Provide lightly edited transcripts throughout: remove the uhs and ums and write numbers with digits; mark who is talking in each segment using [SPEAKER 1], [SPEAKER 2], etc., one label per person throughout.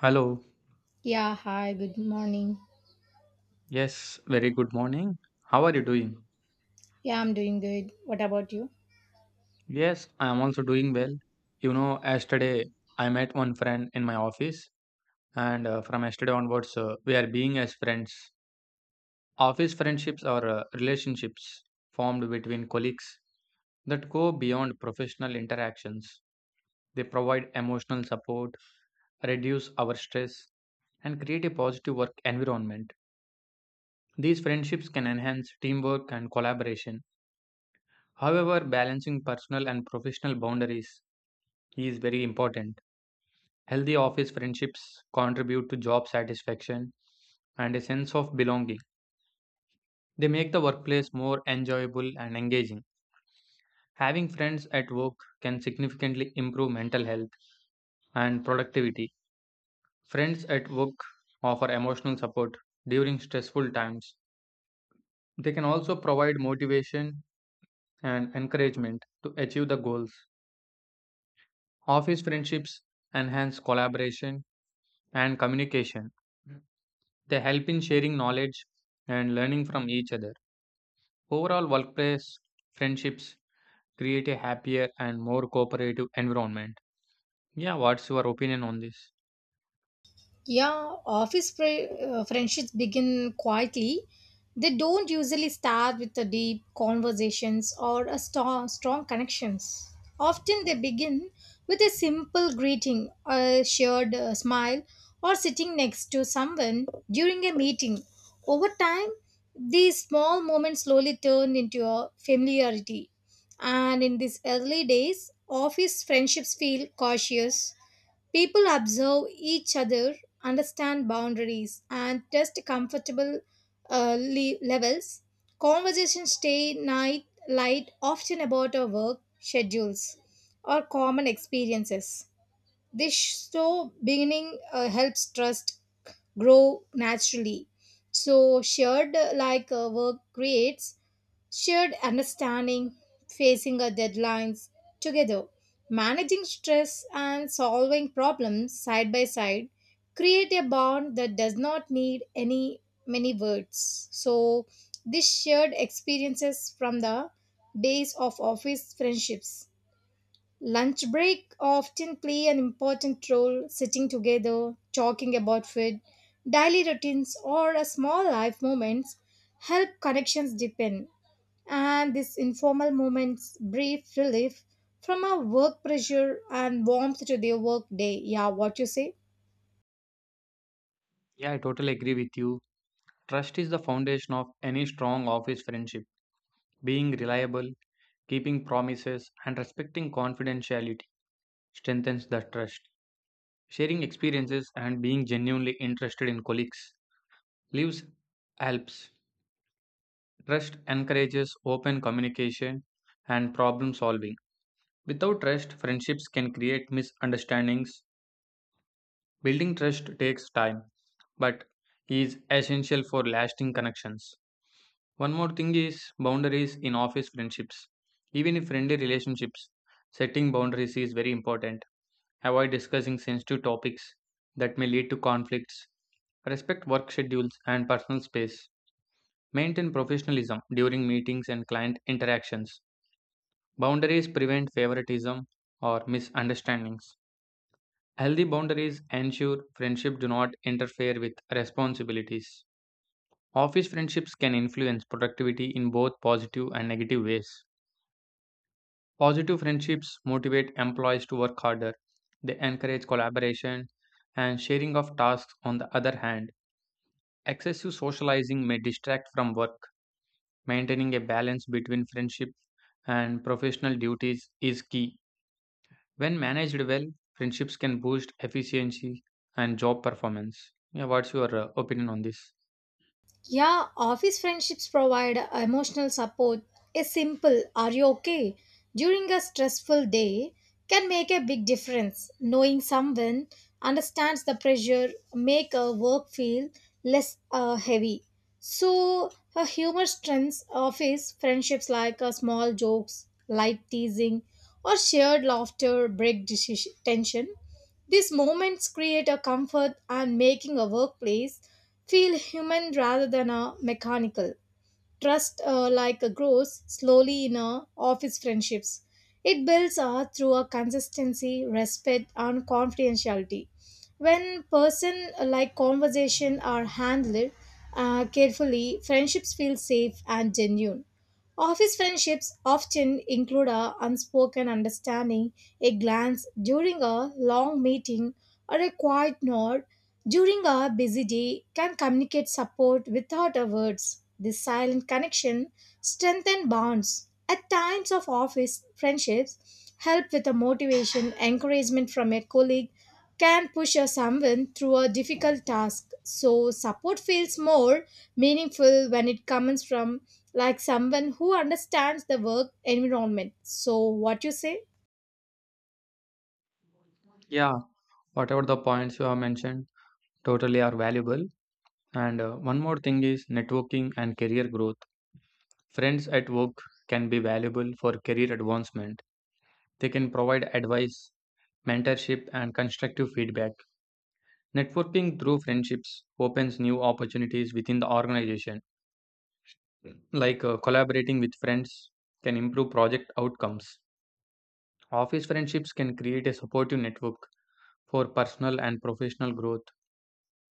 [SPEAKER 1] Hello.
[SPEAKER 2] Yeah, hi, good morning.
[SPEAKER 1] Yes, very good morning. How are you doing?
[SPEAKER 2] Yeah, I'm doing good. What about you?
[SPEAKER 1] Yes, I am also doing well. You know, yesterday I met one friend in my office, and from yesterday onwards, we are being as friends. Office friendships are relationships formed between colleagues that go beyond professional interactions. They provide emotional support, reduce our stress, and create a positive work environment. These friendships can enhance teamwork and collaboration. However, balancing personal and professional boundaries is very important. Healthy office friendships contribute to job satisfaction and a sense of belonging. They make the workplace more enjoyable and engaging. Having friends at work can significantly improve mental health and productivity. Friends at work offer emotional support during stressful times. They can also provide motivation and encouragement to achieve the goals. Office friendships enhance collaboration and communication. They help in sharing knowledge and learning from each other. Overall, workplace friendships create a happier and more cooperative environment. Yeah, what's your opinion on this?
[SPEAKER 2] Yeah, office fri friendships begin quietly. They don't usually start with the deep conversations or a strong connections. Often they begin with a simple greeting, a shared smile, or sitting next to someone during a meeting. Over time, these small moments slowly turn into a familiarity. And in these early days, office friendships feel cautious. People observe each other, understand boundaries, and test comfortable levels. Conversations stay night light, often about our work schedules or common experiences. This beginning helps trust grow naturally. So shared like work creates shared understanding, facing our deadlines together, managing stress, and solving problems side by side create a bond that does not need any many words. So, this shared experiences from the base of office friendships. Lunch break often play an important role sitting together, talking about food, daily routines, or a small life moments help connections deepen and this informal moment's brief relief from our work pressure and warmth to their work day. Yeah, what you say?
[SPEAKER 1] Yeah, I totally agree with you. Trust is the foundation of any strong office friendship. Being reliable, keeping promises, and respecting confidentiality strengthens the trust. Sharing experiences and being genuinely interested in colleagues leaves helps. Trust encourages open communication and problem solving. Without trust, friendships can create misunderstandings. Building trust takes time, but is essential for lasting connections. One more thing is boundaries in office friendships. Even in friendly relationships, setting boundaries is very important. Avoid discussing sensitive topics that may lead to conflicts. Respect work schedules and personal space. Maintain professionalism during meetings and client interactions. Boundaries prevent favoritism or misunderstandings. Healthy boundaries ensure friendship do not interfere with responsibilities. Office friendships can influence productivity in both positive and negative ways. Positive friendships motivate employees to work harder. They encourage collaboration and sharing of tasks on the other hand. Excessive socializing may distract from work. Maintaining a balance between friendship and professional duties is key. When managed well, friendships can boost efficiency and job performance. Yeah, what's your opinion on this?
[SPEAKER 2] Yeah, office friendships provide emotional support. A simple, are you okay? During a stressful day can make a big difference. Knowing someone understands the pressure, make a work feel less heavy. So, a humor strengthens office friendships like small jokes, light teasing, or shared laughter break tension. These moments create a comfort and making a workplace feel human rather than a mechanical. Trust like grows slowly in a office friendships. It builds through a consistency, respect, and confidentiality. When person like conversation are handled carefully, friendships feel safe and genuine. Office friendships often include a unspoken understanding, a glance during a long meeting, or a quiet nod during our busy day, can communicate support without our words. This silent connection strengthens bonds. At times of office friendships, help with a motivation, encouragement from a colleague can push a someone through a difficult task. So support feels more meaningful when it comes from like someone who understands the work environment. So what you say?
[SPEAKER 1] Yeah, whatever the points you have mentioned totally are valuable, and one more thing is networking and career growth. Friends at work can be valuable for career advancement. They can provide advice, mentorship, and constructive feedback. Networking through friendships opens new opportunities within the organization, like collaborating with friends can improve project outcomes. Office friendships can create a supportive network for personal and professional growth.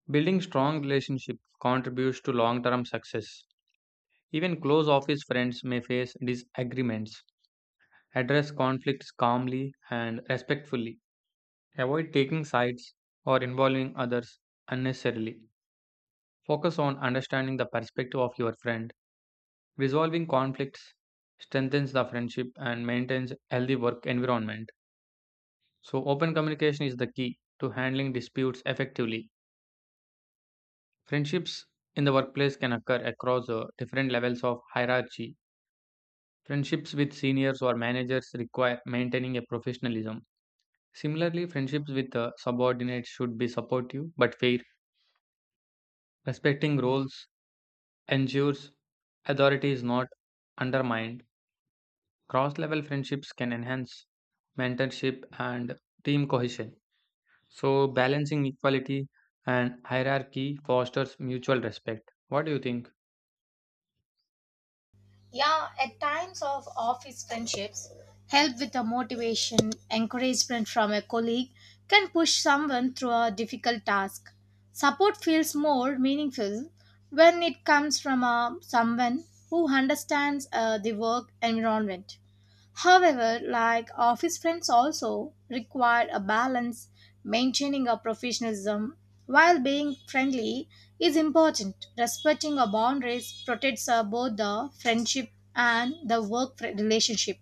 [SPEAKER 1] Building strong relationships contributes to long term success. Even close office friends may face disagreements. Address conflicts calmly and respectfully. Avoid taking sides or involving others unnecessarily. Focus on understanding the perspective of your friend. Resolving conflicts strengthens the friendship and maintains a healthy work environment. So, open communication is the key to handling disputes effectively. Friendships in the workplace can occur across different levels of hierarchy. Friendships with seniors or managers require maintaining a professionalism. Similarly, friendships with subordinates should be supportive but fair. Respecting roles ensures authority is not undermined. Cross level friendships can enhance mentorship and team cohesion. So, balancing equality and hierarchy fosters mutual respect. What do you think?
[SPEAKER 2] Yeah, at times of office friendships, help with the motivation, encouragement from a colleague can push someone through a difficult task. Support feels more meaningful when it comes from a, someone who understands the work environment. However, like office friends also require a balance, maintaining a professionalism while being friendly is important. Respecting our boundaries protects both the friendship and the work relationship.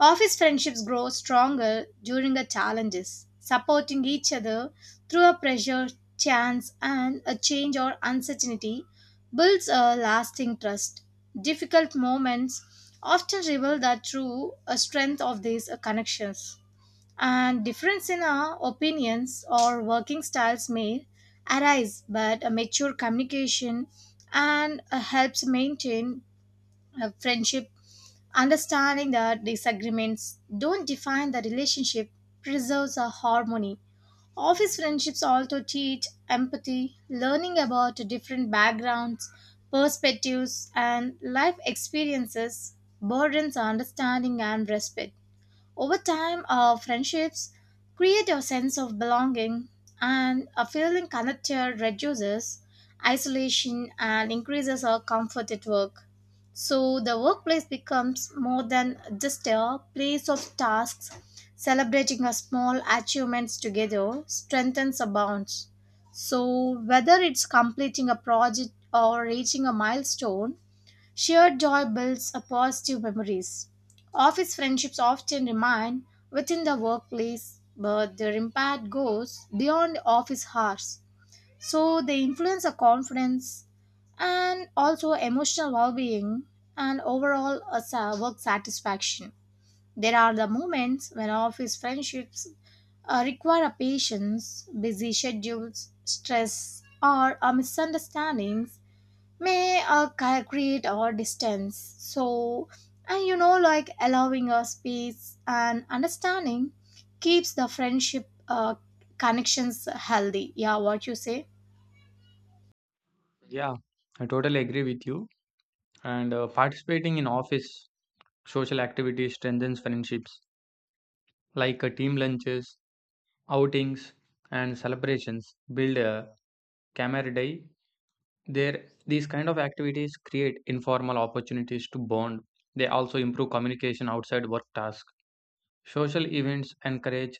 [SPEAKER 2] Office friendships grow stronger during the challenges, supporting each other through a pressure, chance, and a change or uncertainty builds a lasting trust. Difficult moments often reveal the true strength of these connections. And difference in our opinions or working styles may arise, but a mature communication and helps maintain a friendship. Understanding that disagreements don't define the relationship preserves a harmony. Office friendships also teach empathy, learning about different backgrounds, perspectives, and life experiences burdens understanding and respect. Over time, our friendships create a sense of belonging, and a feeling connected reduces isolation and increases our comfort at work. So, the workplace becomes more than just a place of tasks. Celebrating our small achievements together strengthens our bonds. So, whether it's completing a project or reaching a milestone, shared joy builds up positive memories. Office friendships often remain within the workplace, but their impact goes beyond office hours. So they influence our confidence and also emotional well being and overall work satisfaction. There are the moments when office friendships require a patience, busy schedules, stress, or misunderstandings may create our distance. So and like allowing a space and understanding keeps the friendship connections healthy. Yeah, what you say?
[SPEAKER 1] Yeah, I totally agree with you. And participating in office social activities strengthens friendships, like team lunches, outings, and celebrations. Build a camaraderie. There, these kind of activities create informal opportunities to bond. They also improve communication outside work tasks. Social events encourage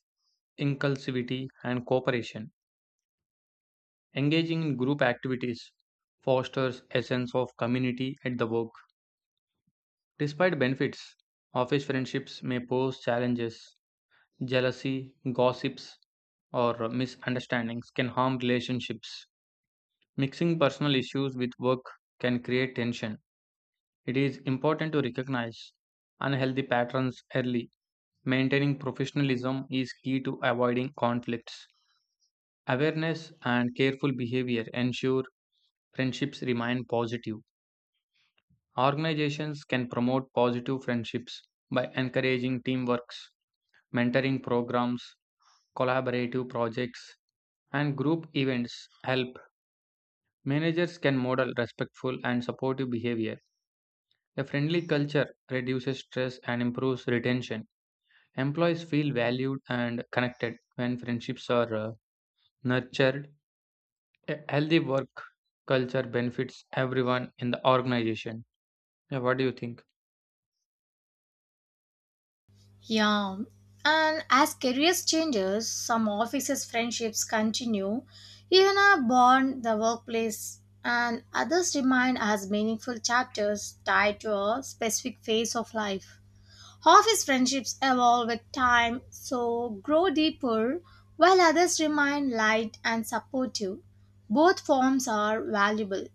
[SPEAKER 1] inclusivity and cooperation. Engaging in group activities fosters a sense of community at the work. Despite benefits, office friendships may pose challenges. Jealousy, gossips, or misunderstandings can harm relationships. Mixing personal issues with work can create tension. It is important to recognize unhealthy patterns early. Maintaining professionalism is key to avoiding conflicts. Awareness and careful behavior ensure friendships remain positive. Organizations can promote positive friendships by encouraging teamworks, mentoring programs, collaborative projects, and group events help. Managers can model respectful and supportive behavior. A friendly culture reduces stress and improves retention. Employees feel valued and connected when friendships are nurtured. A healthy work culture benefits everyone in the organization. Yeah, what do you think?
[SPEAKER 2] Yeah, and as careers changes, some offices friendships continue even a bond the workplace, and others remain as meaningful chapters tied to a specific phase of life. Half his friendships evolve with time, so grow deeper, while others remain light and supportive. Both forms are valuable.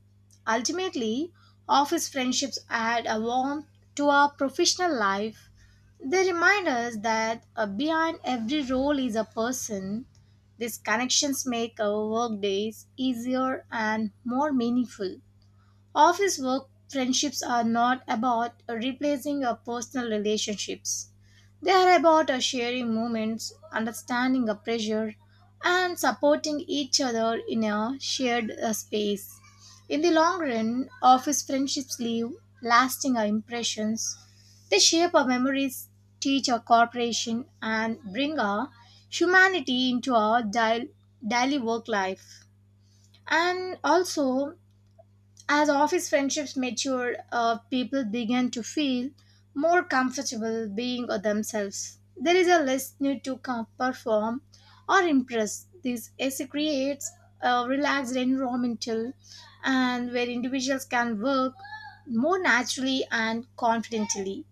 [SPEAKER 2] Ultimately, office friendships add a warmth to our professional life. They remind us that behind every role is a person. These connections make our work days easier and more meaningful. Office work friendships are not about replacing our personal relationships. They are about sharing moments, understanding our pressure, and supporting each other in a shared space. In the long run, office friendships leave lasting impressions. They shape our memories, teach our cooperation, and bring our humanity into our daily work life. And also, as office friendships matured, people began to feel more comfortable being themselves. There is a less need to perform or impress. This AC creates a relaxed environmental and where individuals can work more naturally and confidently.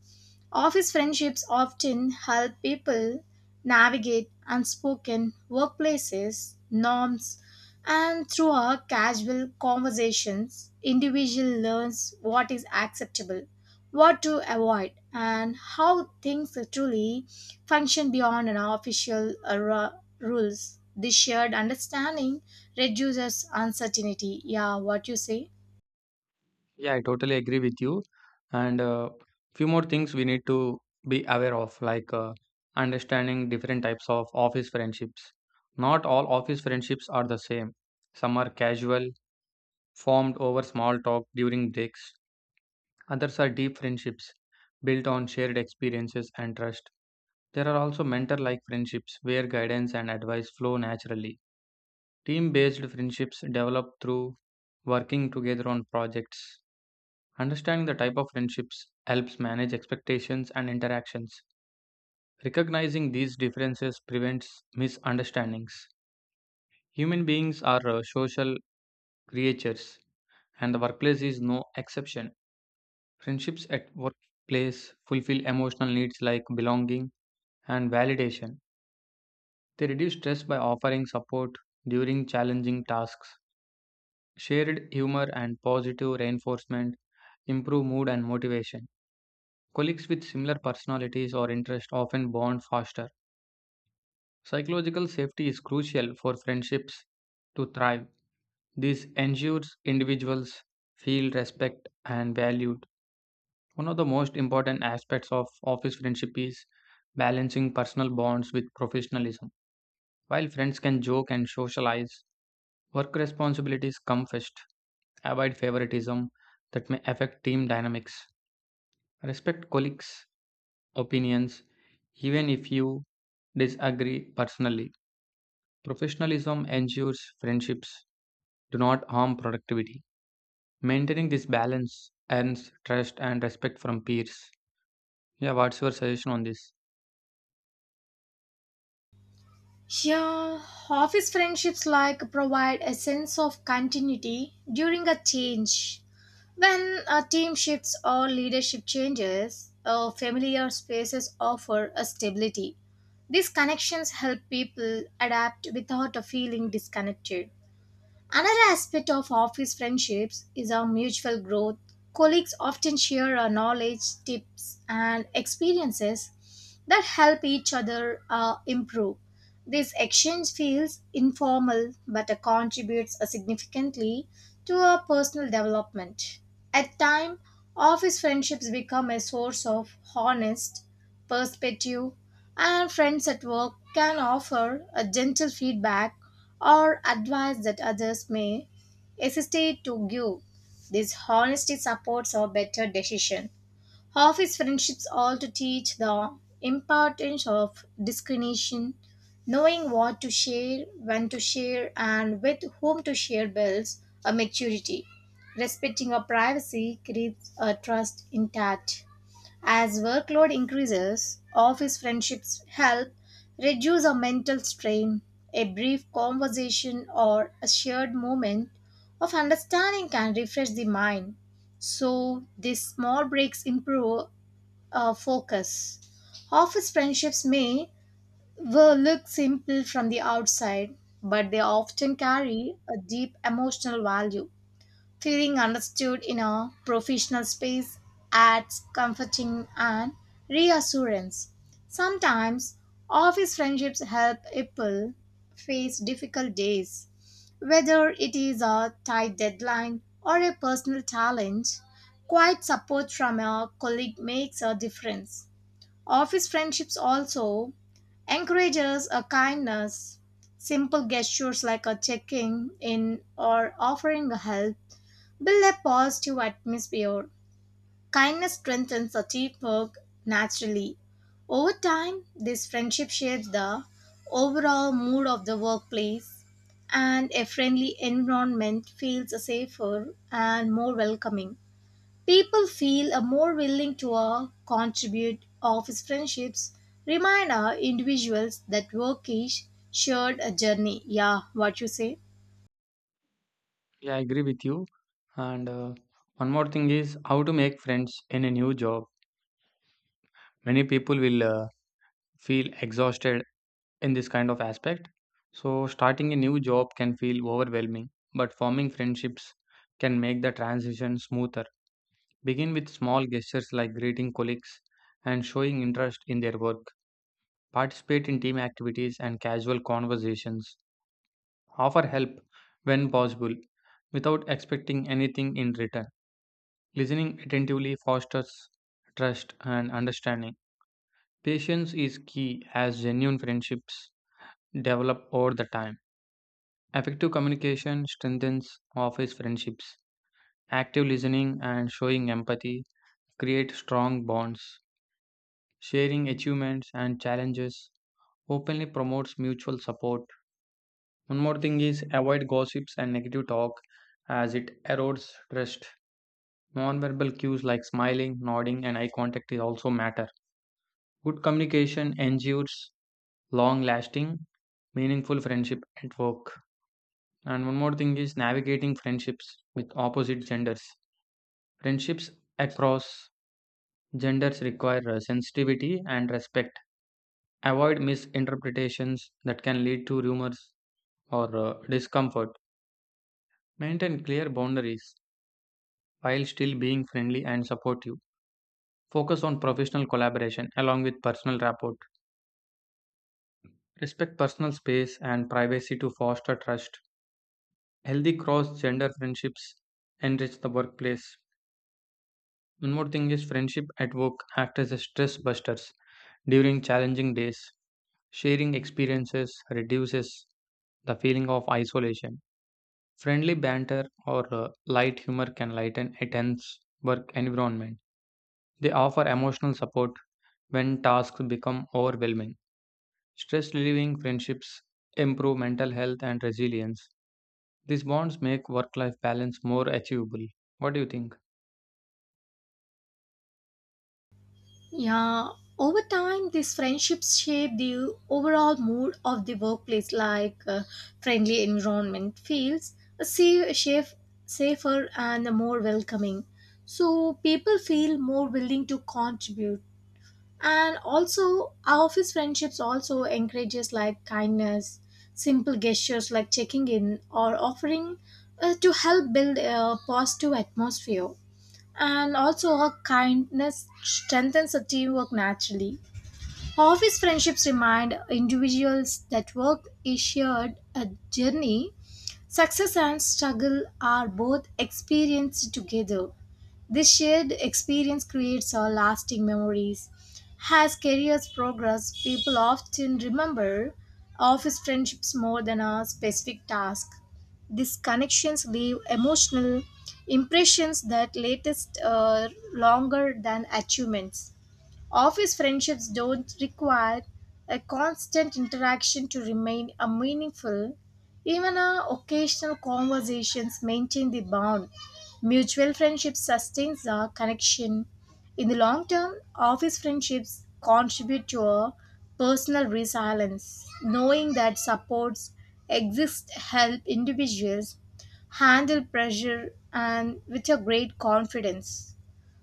[SPEAKER 2] Office friendships often help people navigate unspoken workplaces, norms, and through our casual conversations, individual learns what is acceptable, what to avoid, and how things truly function beyond an official rules. This shared understanding reduces uncertainty. Yeah, what you say?
[SPEAKER 1] Yeah, I totally agree with you. And few more things we need to be aware of, like understanding different types of office friendships. Not all office friendships are the same. Some are casual, formed over small talk during breaks. Others are deep friendships built on shared experiences and trust. There are also mentor like friendships where guidance and advice flow naturally. Team based friendships develop through working together on projects. Understanding the type of friendships helps manage expectations and interactions. Recognizing these differences prevents misunderstandings. Human beings are social creatures, and the workplace is no exception. Friendships at workplace fulfill emotional needs like belonging and validation. They reduce stress by offering support during challenging tasks. Shared humor and positive reinforcement improve mood and motivation. Colleagues with similar personalities or interests often bond faster. Psychological safety is crucial for friendships to thrive. This ensures individuals feel respect and valued. One of the most important aspects of office friendship is balancing personal bonds with professionalism. While friends can joke and socialize, work responsibilities come first. Avoid favoritism that may affect team dynamics. Respect colleagues opinions, even if you disagree personally. Professionalism ensures friendships do not harm productivity. Maintaining this balance earns trust and respect from peers. Yeah, what's your suggestion on this?
[SPEAKER 2] Yeah, office friendships like provide a sense of continuity during a change. When a team shifts or leadership changes, familiar spaces offer a stability. These connections help people adapt without a feeling disconnected. Another aspect of office friendships is our mutual growth. Colleagues often share our knowledge, tips, and experiences that help each other improve. This exchange feels informal but contributes significantly to our personal development. At time, office friendships become a source of honest perspective and friends at work can offer a gentle feedback or advice that others may hesitate to give. This honesty supports a better decision. Office friendships also teach the importance of discrimination, knowing what to share, when to share, and with whom to share builds a maturity. Respecting our privacy keeps a trust intact. As workload increases, office friendships help reduce our mental strain. A brief conversation or a shared moment of understanding can refresh the mind. So, these small breaks improve our focus. Office friendships may well look simple from the outside, but they often carry a deep emotional value. Feeling understood in a professional space adds comforting and reassurance. Sometimes office friendships help people face difficult days. Whether it is a tight deadline or a personal challenge, quiet support from a colleague makes a difference. Office friendships also encourages a kindness. Simple gestures like a checking in or offering help build a positive atmosphere. Kindness strengthens a teamwork naturally. Over time, this friendship shapes the overall mood of the workplace, and a friendly environment feels safer and more welcoming. People feel more willing to contribute. Office friendships remind our individuals that work is shared a journey. Yeah, what you say?
[SPEAKER 1] Yeah, I agree with you. And one more thing is how to make friends in a new job. Many people will feel exhausted in this kind of aspect. So, starting a new job can feel overwhelming, but forming friendships can make the transition smoother. Begin with small gestures like greeting colleagues and showing interest in their work. Participate in team activities and casual conversations. Offer help when possible without expecting anything in return. Listening attentively fosters trust and understanding. Patience is key as genuine friendships develop over the time. Effective communication strengthens office friendships. Active listening and showing empathy create strong bonds. Sharing achievements and challenges openly promotes mutual support. One more thing is avoid gossips and negative talk as it erodes trust. Nonverbal cues like smiling, nodding, and eye contact is also matter. Good communication ensures long-lasting, meaningful friendship at work. And one more thing is navigating friendships with opposite genders. Friendships across genders require sensitivity and respect. Avoid misinterpretations that can lead to rumors or discomfort. Maintain clear boundaries while still being friendly and supportive. Focus on professional collaboration along with personal rapport. Respect personal space and privacy to foster trust. Healthy cross gender friendships enrich the workplace. One more thing is friendship at work act as a stress busters during challenging days. Sharing experiences reduces the feeling of isolation. Friendly banter or light humor can lighten a tense work environment. They offer emotional support when tasks become overwhelming. Stress relieving friendships improve mental health and resilience. These bonds make work life balance more achievable. What do you think?
[SPEAKER 2] Yeah, over time, these friendships shape the overall mood of the workplace, like friendly environment feels safe, safe, safer and more welcoming. So people feel more willing to contribute. And also, our office friendships also encourages like kindness, simple gestures like checking in or offering to help build a positive atmosphere and also her kindness strengthens a teamwork naturally. Office friendships remind individuals that work is shared a journey. Success and struggle are both experienced together. This shared experience creates our lasting memories. As careers progress, people often remember office friendships more than a specific task. These connections leave emotional impressions that latest longer than achievements. Office friendships don't require a constant interaction to remain a meaningful. Even our occasional conversations maintain the bond. Mutual friendship sustains our connection. In the long term, office friendships contribute to our personal resilience. Knowing that supports exist help individuals handle pressure and with a great confidence.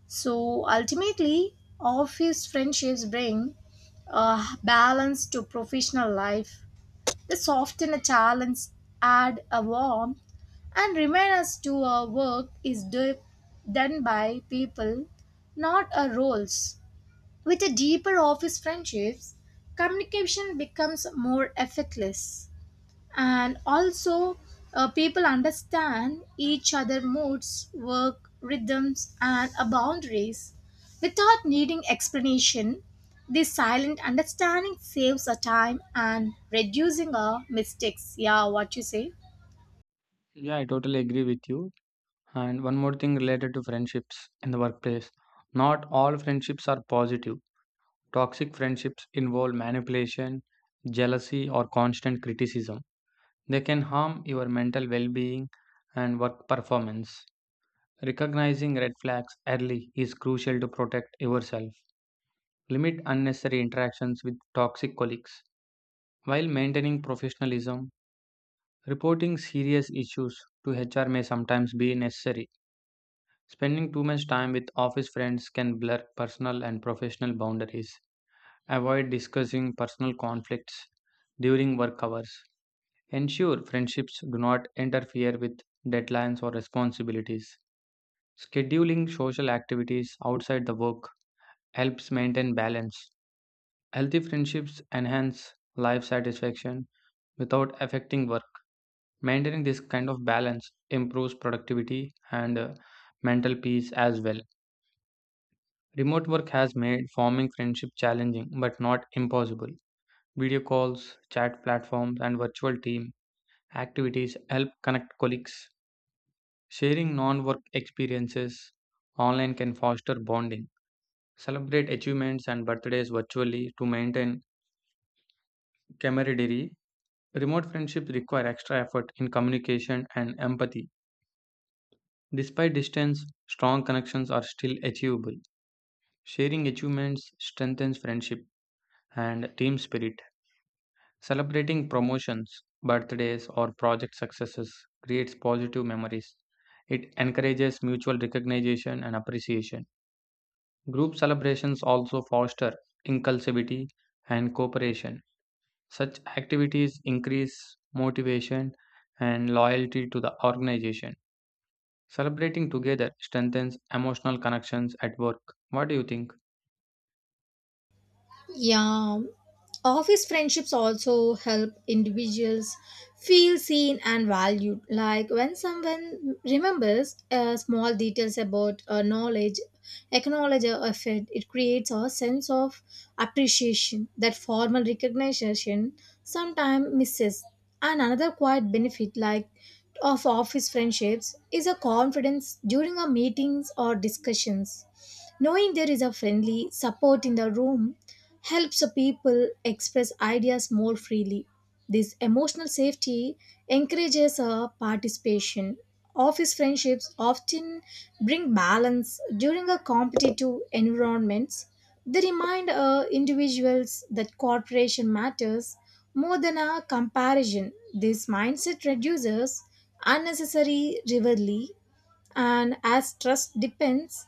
[SPEAKER 2] So ultimately, office friendships bring balance to professional life. They soften a challenge, add a warmth, and remind us to our work is done by people, not our roles. With a deeper office friendships, communication becomes more effortless and also people understand each other moods work rhythms and boundaries without needing explanation. This silent understanding saves our time and reducing our mistakes. Yeah, what you say?
[SPEAKER 1] Yeah, I totally agree with you. And one more thing related to friendships in the workplace. Not all friendships are positive. Toxic friendships involve manipulation, jealousy, or constant criticism. They can harm your mental well being and work performance. Recognizing red flags early is crucial to protect yourself. Limit unnecessary interactions with toxic colleagues. While maintaining professionalism, reporting serious issues to HR may sometimes be necessary. Spending too much time with office friends can blur personal and professional boundaries. Avoid discussing personal conflicts during work hours. Ensure friendships do not interfere with deadlines or responsibilities. Scheduling social activities outside the work helps maintain balance. Healthy friendships enhance life satisfaction without affecting work. Maintaining this kind of balance improves productivity and mental peace as well. Remote work has made forming friendship challenging but not impossible. Video calls, chat platforms, and virtual team activities help connect colleagues. Sharing non work experiences online can foster bonding. Celebrate achievements and birthdays virtually to maintain camaraderie. Remote friendships require extra effort in communication and empathy. Despite distance, strong connections are still achievable. Sharing achievements strengthens friendship and team spirit. Celebrating promotions, birthdays, or project successes creates positive memories. It encourages mutual recognition and appreciation. Group celebrations also foster inclusivity and cooperation. Such activities increase motivation and loyalty to the organization. Celebrating together strengthens emotional connections at work. What do you think?
[SPEAKER 2] Yeah, office friendships also help individuals feel seen and valued. Like when someone remembers small details about knowledge, acknowledge a effort, it creates a sense of appreciation that formal recognition sometimes misses. And another quiet benefit, like of office friendships, is a confidence during our meetings or discussions. Knowing there is a friendly support in the room helps the people express ideas more freely. This emotional safety encourages a participation. Office friendships often bring balance during a competitive environments. They remind individuals that cooperation matters more than a comparison. This mindset reduces unnecessary rivalry. And as trust depends,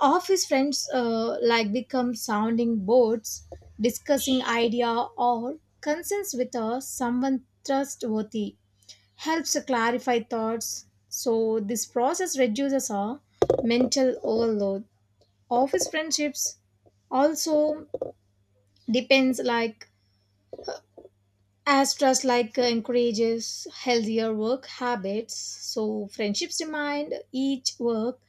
[SPEAKER 2] office friends like become sounding boards discussing idea or concerns with someone trustworthy helps to clarify thoughts. So this process reduces our mental overload. Office friendships also depends like as trust like encourages healthier work habits. So friendships remind each work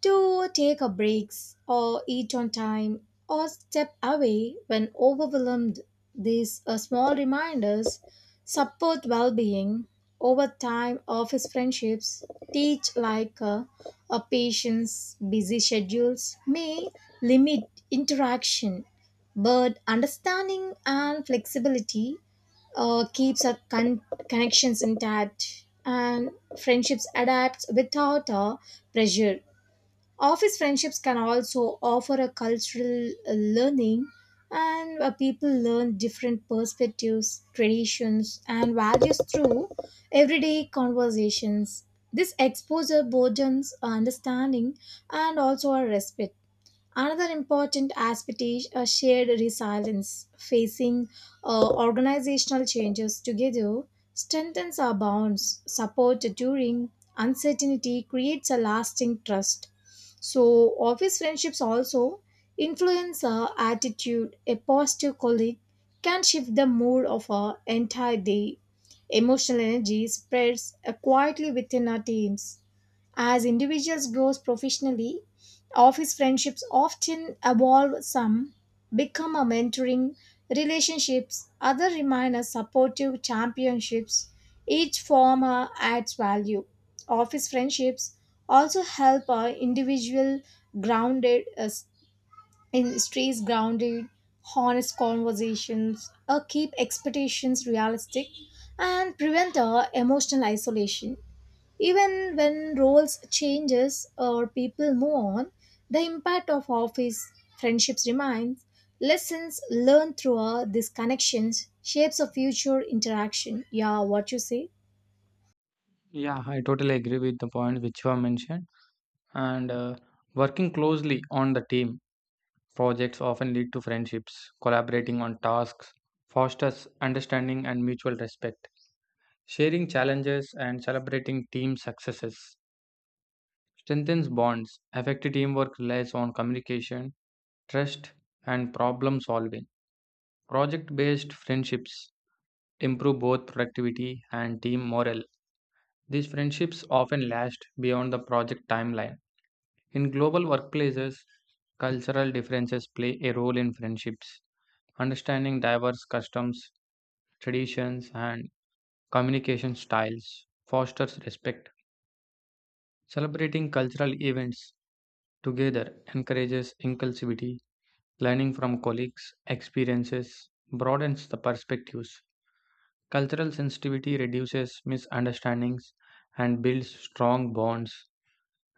[SPEAKER 2] to take a breaks or eat on time or step away when overwhelmed. These small reminders support well-being. Over time office friendships teach like a patient's busy schedules may limit interaction, but understanding and flexibility keeps our connections intact, and friendships adapt without pressure. Office friendships can also offer a cultural learning and people learn different perspectives, traditions, and values through everyday conversations. This exposure broadens understanding and also our respect. Another important aspect is a shared resilience. Facing organizational changes together strengthens our bonds. Support during uncertainty creates a lasting trust. So, office friendships also influence our attitude. A positive colleague can shift the mood of our entire day. Emotional energy spreads quietly within our teams. As individuals grow professionally, office friendships often evolve. Some become a mentoring relationships, other remain as supportive championships. Each form adds value. Office friendships also help our individual grounded in stays grounded, honest conversations, keep expectations realistic, and prevent emotional isolation. Even when roles changes or people move on, the impact of office friendships remains. Lessons learned through these connections shapes a future interaction. Yeah, what you say?
[SPEAKER 1] Yeah, I totally agree with the point which you have mentioned. And working closely on the team projects often lead to friendships. Collaborating on tasks fosters understanding and mutual respect. Sharing challenges and celebrating team successes strengthens bonds. Effective teamwork relies on communication, trust, and problem solving. Project based friendships improve both productivity and team morale. These friendships often last beyond the project timeline. In global workplaces, cultural differences play a role in friendships. Understanding diverse customs, traditions, and communication styles fosters respect. Celebrating cultural events together encourages inclusivity. Learning from colleagues' experiences broadens the perspectives. Cultural sensitivity reduces misunderstandings and builds strong bonds.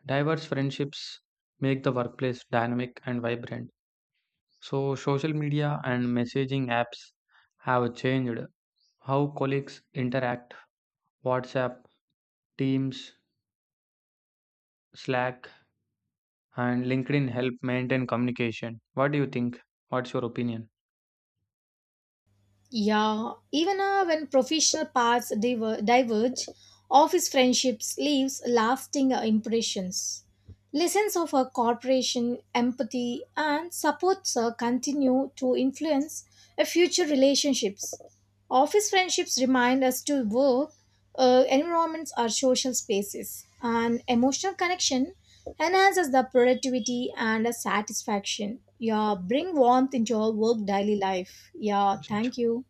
[SPEAKER 1] Diverse friendships make the workplace dynamic and vibrant. So, social media and messaging apps have changed how colleagues interact. WhatsApp, Teams, Slack, and LinkedIn help maintain communication. What do you think? What's your opinion?
[SPEAKER 2] Yeah, even when professional paths diverge, office friendships leaves lasting impressions. Lessons of a corporation, empathy, and supports continue to influence future relationships. Office friendships remind us to work environments are social spaces, and emotional connection enhances the productivity and the satisfaction. Yeah, bring warmth into your work daily life. Yeah, thank you.